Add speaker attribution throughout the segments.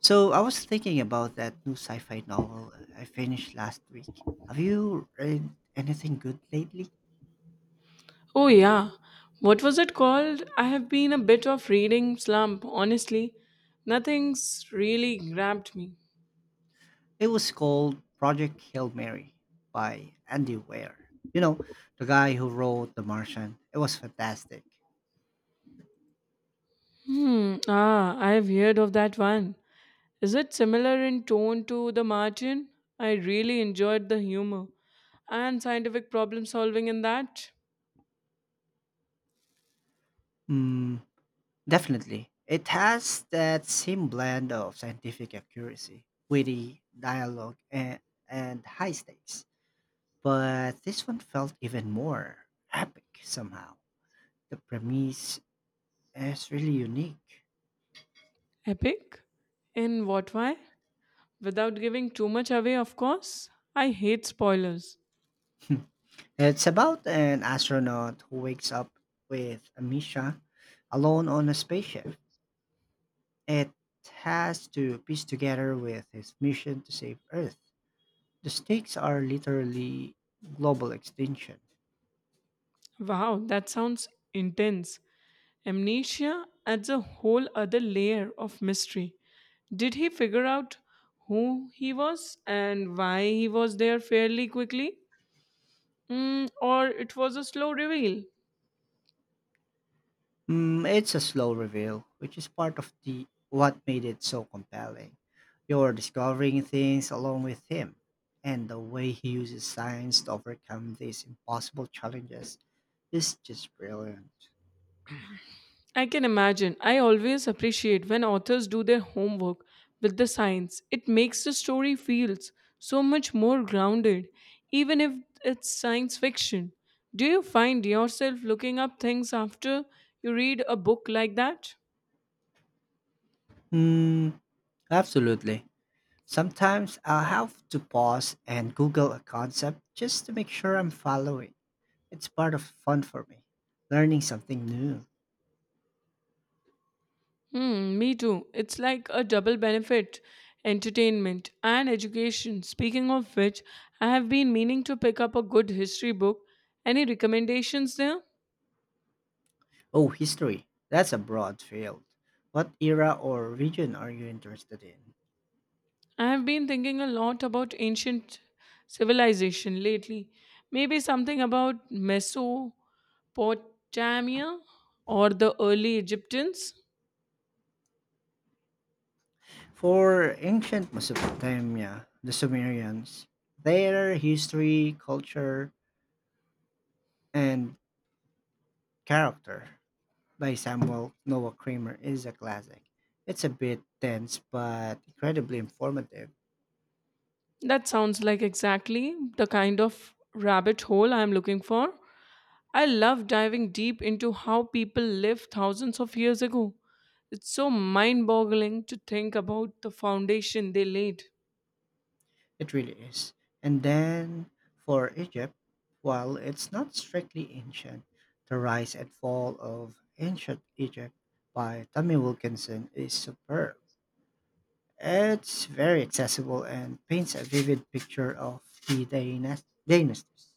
Speaker 1: So I was thinking about that new sci-fi novel I finished last week. Have you read anything good lately?
Speaker 2: Oh, yeah. What was it called? I have been a bit of reading slump, honestly. Nothing's really grabbed me.
Speaker 1: It was called Project Hail Mary by Andy Weir. You know, the guy who wrote The Martian. It was fantastic.
Speaker 2: I have heard of that one. Is it similar in tone to The Martian? I really enjoyed the humor and scientific problem solving in that.
Speaker 1: Mm, definitely. It has that same blend of scientific accuracy, witty dialogue, and high stakes. But this one felt even more epic somehow the premise. It's really unique.
Speaker 2: Epic? In what way? Without giving too much away, of course. I hate spoilers.
Speaker 1: It's about an astronaut who wakes up with amnesia alone on a spaceship. It has to piece together with his mission to save Earth. The stakes are literally global extinction.
Speaker 2: Wow, that sounds intense. Amnesia adds a whole other layer of mystery. Did he figure out who he was and why he was there fairly quickly? Or it was a slow reveal?
Speaker 1: Mm, it's a slow reveal, which is part of the what made it so compelling. You're discovering things along with him, and the way he uses science to overcome these impossible challenges is just brilliant.
Speaker 2: I can imagine. I always appreciate when authors do their homework with the science. It makes the story feels so much more grounded, even if it's science fiction. Do you find yourself looking up things after you read a book like that?
Speaker 1: Mm, absolutely. Sometimes I'll have to pause and Google a concept just to make sure I'm following. It's part of fun for me, learning something new.
Speaker 2: Me too. It's like a double benefit entertainment and education. Speaking of which, I have been meaning to pick up a good history book. Any recommendations there?
Speaker 1: Oh, history. That's a broad field. What era or region are you interested in?
Speaker 2: I have been thinking a lot about ancient civilization lately. Maybe something about Mesopotamia or the early Egyptians?
Speaker 1: For ancient Mesopotamia, the Sumerians, their history, culture, and character by Samuel Noah Kramer is a classic. It's a bit dense but incredibly informative.
Speaker 2: That sounds like exactly the kind of rabbit hole I am looking for. I love diving deep into how people lived thousands of years ago. It's so mind boggling to think about the foundation they laid.
Speaker 1: It really is. And then for Egypt, while it's not strictly ancient, The Rise and Fall of Ancient Egypt by Tommy Wilkinson is superb. It's very accessible and paints a vivid picture of the dynasties.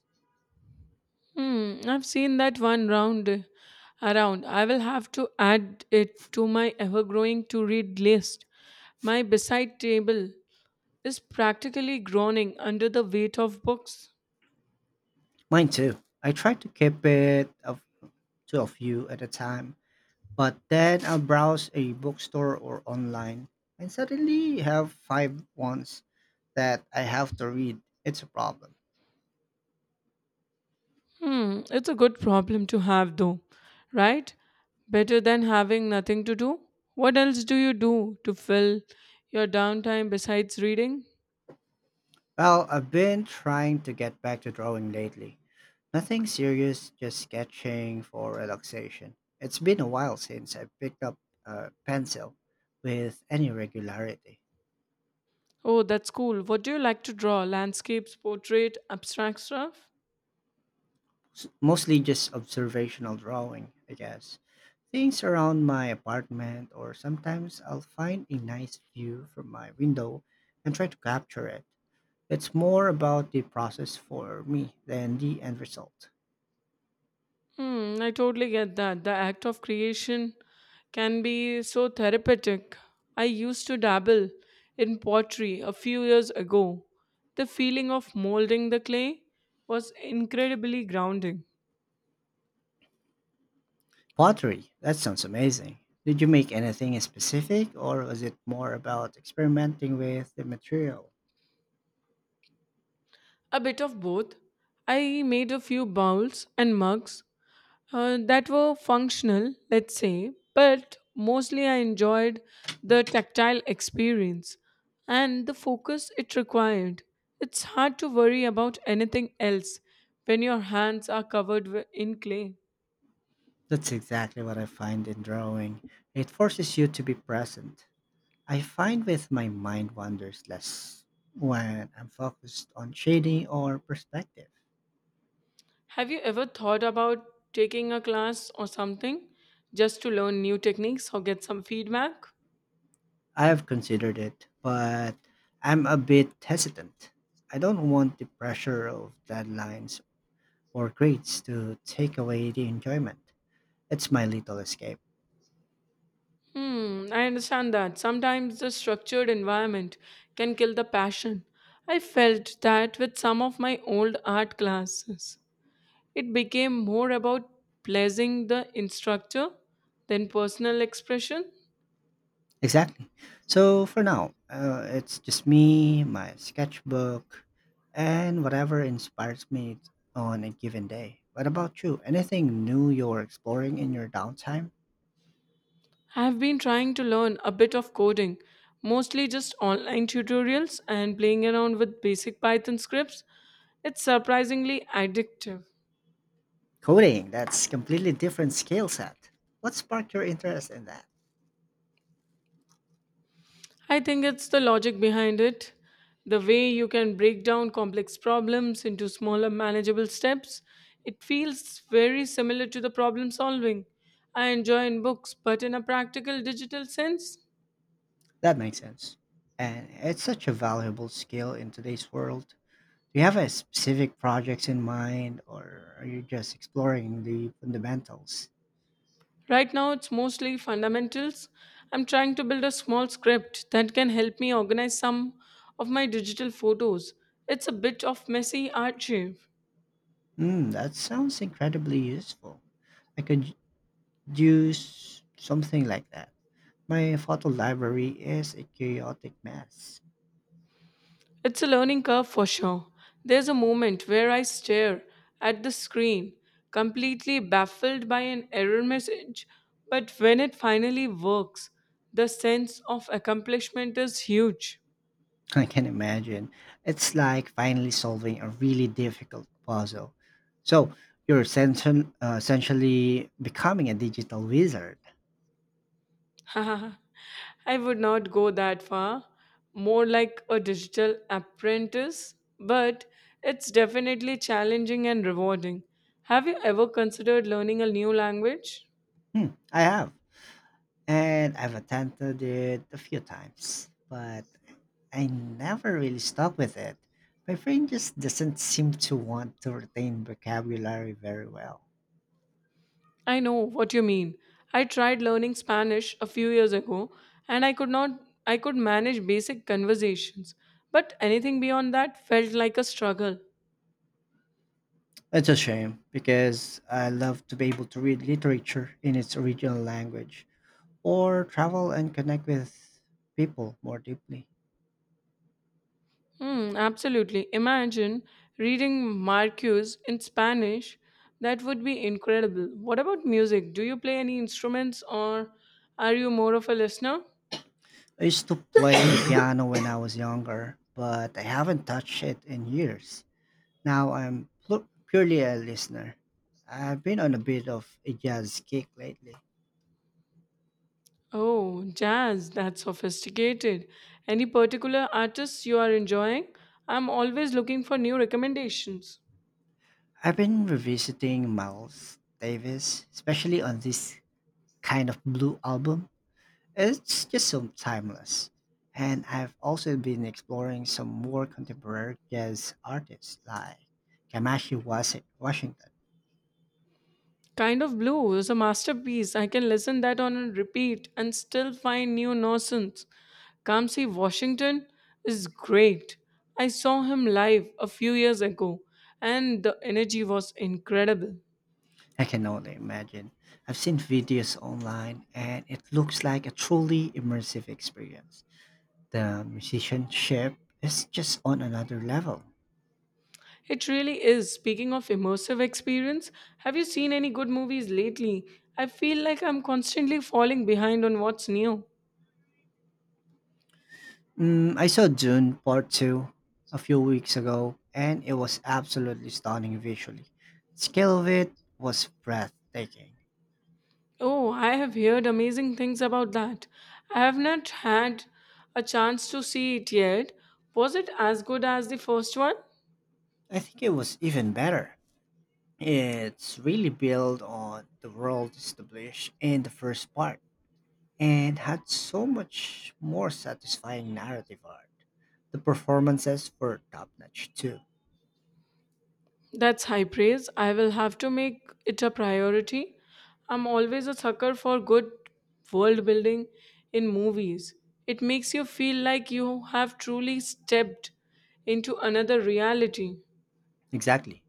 Speaker 2: I've seen that one round around. I will have to add it to my ever growing to read list. My beside table is practically groaning under the weight of books.
Speaker 1: Mine too. I try to keep it of two of you at a time. But then I'll browse a bookstore or online and suddenly have five ones that I have to read. It's a problem.
Speaker 2: It's a good problem to have, though, right? Better than having nothing to do. What else do you do to fill your downtime besides reading?
Speaker 1: Well, I've been trying to get back to drawing lately. Nothing serious, just sketching for relaxation. It's been a while since I picked up a pencil with any regularity.
Speaker 2: Oh, that's cool. What do you like to draw? Landscapes, portrait, abstract stuff?
Speaker 1: Mostly just observational drawing, I guess. Things around my apartment, or sometimes I'll find a nice view from my window and try to capture it. It's more about the process for me than the end result.
Speaker 2: I totally get that. The act of creation can be so therapeutic. I used to dabble in pottery a few years ago. The feeling of molding the clay was incredibly grounding.
Speaker 1: Pottery, that sounds amazing. Did you make anything in specific, or was it more about experimenting with the material?
Speaker 2: A bit of both. I made a few bowls and mugs that were functional, let's say, but mostly I enjoyed the tactile experience and the focus it required. It's hard to worry about anything else when your hands are covered in clay.
Speaker 1: That's exactly what I find in drawing. It forces you to be present. I find with my mind wanders less when I'm focused on shading or perspective.
Speaker 2: Have you ever thought about taking a class or something just to learn new techniques or get some feedback?
Speaker 1: I have considered it, but I'm a bit hesitant. I don't want the pressure of deadlines or grades to take away the enjoyment. It's my little escape.
Speaker 2: I understand that. Sometimes the structured environment can kill the passion. I felt that with some of my old art classes. It became more about pleasing the instructor than personal expression.
Speaker 1: Exactly. So for now, it's just me, my sketchbook, and whatever inspires me on a given day. What about you? Anything new you're exploring in your downtime?
Speaker 2: I've been trying to learn a bit of coding, mostly just online tutorials and playing around with basic Python scripts. It's surprisingly addictive.
Speaker 1: Coding, that's completely different skill set. What sparked your interest in that?
Speaker 2: I think it's the logic behind it. The way you can break down complex problems into smaller manageable steps, it feels very similar to the problem solving I enjoy in books, but in a practical digital sense,
Speaker 1: That makes sense. And it's such a valuable skill in today's world. Do you have a specific projects in mind or are you just exploring the fundamentals?
Speaker 2: right now it's mostly fundamentals. I'm trying to build a small script that can help me organize some of my digital photos. It's a bit of messy archive.
Speaker 1: Hmm, that sounds incredibly useful. I could use something like that. My photo library is a chaotic mess.
Speaker 2: It's a learning curve for sure. There's a moment where I stare at the screen, completely baffled by an error message, but when it finally works, the sense of accomplishment is huge.
Speaker 1: I can imagine. It's like finally solving a really difficult puzzle. So you're essentially becoming a digital wizard.
Speaker 2: I would not go that far, more like a digital apprentice, but it's definitely challenging and rewarding. Have you ever considered learning a new language?
Speaker 1: Hmm, I have. And I've attempted it a few times, but I never really stuck with it. My brain just doesn't seem to want to retain vocabulary very well.
Speaker 2: I know what you mean. I tried learning Spanish a few years ago and I could not I could manage basic conversations, but anything beyond that felt like a struggle.
Speaker 1: It's a shame because I love to be able to read literature in its original language, or travel and connect with people more deeply.
Speaker 2: Absolutely. Imagine reading Marcus in Spanish. That would be incredible. What about music? Do you play any instruments or are you more of a listener?
Speaker 1: I used to play piano when I was younger, but I haven't touched it in years. Now I'm purely a listener. I've been on a bit of a jazz kick lately.
Speaker 2: Oh, jazz, that's sophisticated. Any particular artists you are enjoying? I'm always looking for new recommendations.
Speaker 1: I've been revisiting Miles Davis, especially on this kind of blue album. It's just so timeless. And I've also been exploring some more contemporary jazz artists like Kamashi Washington.
Speaker 2: Kind of Blue is a masterpiece. I can listen that on a repeat and still find new nonsense. Come see Washington is great. I saw him live a few years ago and the energy was incredible.
Speaker 1: I can only imagine. I've seen videos online and it looks like a truly immersive experience. The musicianship is just on another level.
Speaker 2: It really is. Speaking of immersive experience, have you seen any good movies lately? I feel like I'm constantly falling behind on what's new.
Speaker 1: Mm, I saw Dune Part 2 a few weeks ago and it was absolutely stunning visually. Scale of it was breathtaking.
Speaker 2: Oh, I have heard amazing things about that. I have not had a chance to see it yet. Was it as good as the first one?
Speaker 1: I think it was even better. It's really built on the world established in the first part, and had so much more satisfying narrative art. The performances were top notch too.
Speaker 2: That's high praise. I will have to make it a priority. I'm always a sucker for good world building in movies. It makes you feel like you have truly stepped into another reality.
Speaker 1: Exactly.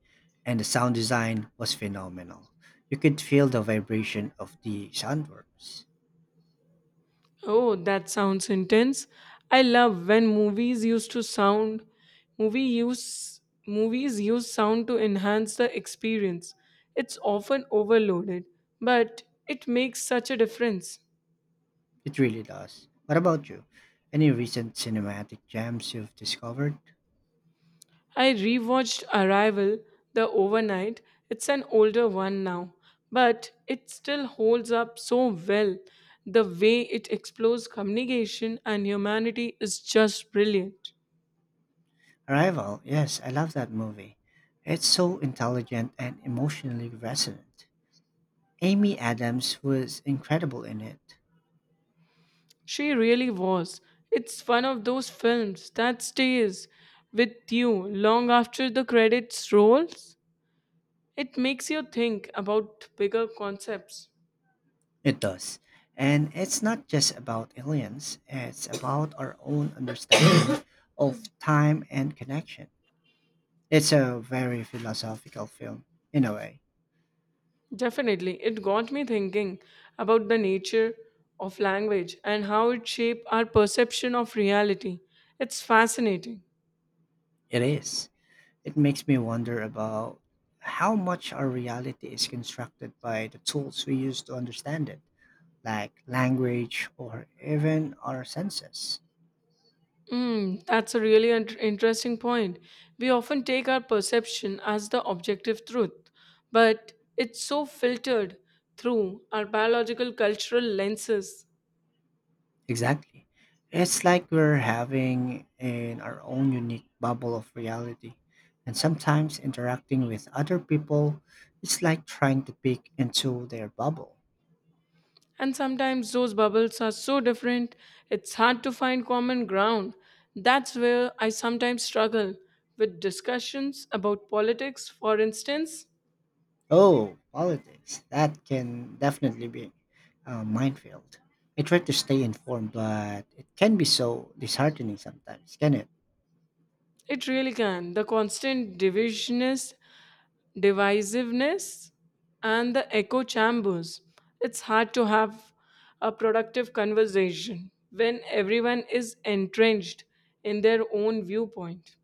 Speaker 1: And the sound design was phenomenal. You could feel the vibration of the sandworms.
Speaker 2: Oh, that sounds intense. I love when movie use movies use sound to enhance the experience. It's often overloaded, but it makes such a difference.
Speaker 1: It really does. What about you? Any recent cinematic gems you've discovered?
Speaker 2: I rewatched Arrival the overnight. It's an older one now, but it still holds up so well. The way it explores communication and humanity is just brilliant.
Speaker 1: Arrival, yes, I love that movie. It's so intelligent and emotionally resonant. Amy Adams was incredible in it.
Speaker 2: She really was. It's one of those films that stays with you long after the credits rolls. It makes you think about bigger concepts.
Speaker 1: It does. And it's not just about aliens, it's about our own understanding of time and connection. It's a very philosophical film, in a way.
Speaker 2: Definitely, it got me thinking about the nature of language and how it shapes our perception of reality. It's fascinating.
Speaker 1: It is. It makes me wonder about how much our reality is constructed by the tools we use to understand it, like language or even our senses.
Speaker 2: That's a really interesting point. We often take our perception as the objective truth, but it's so filtered through our biological cultural lenses.
Speaker 1: Exactly. It's like we're having in our own unique bubble of reality. And sometimes interacting with other people is like trying to peek into their bubble.
Speaker 2: And sometimes those bubbles are so different, it's hard to find common ground. That's where I sometimes struggle with discussions about politics, for instance.
Speaker 1: Oh, politics. That can definitely be a minefield. I try to stay informed, but it can be so disheartening sometimes, can it?
Speaker 2: It really can. The constant divisionist divisiveness and the echo chambers. It's hard to have a productive conversation when everyone is entrenched in their own viewpoint.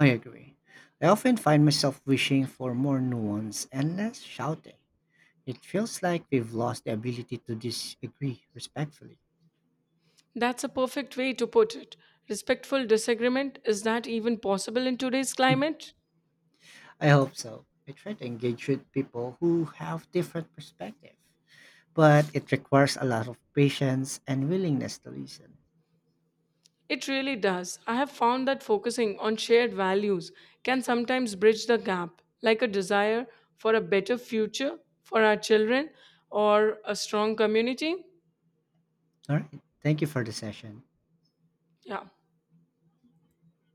Speaker 1: I agree. I often find myself wishing for more nuance and less shouting. It feels like we've lost the ability to disagree respectfully.
Speaker 2: That's a perfect way to put it. Respectful disagreement, is that even possible in today's climate?
Speaker 1: I hope so. I try to engage with people who have different perspectives, but it requires a lot of patience and willingness to listen.
Speaker 2: It really does. I have found that focusing on shared values can sometimes bridge the gap, like a desire for a better future for our children or a strong community.
Speaker 1: All right. Thank you for the session.
Speaker 2: Yeah.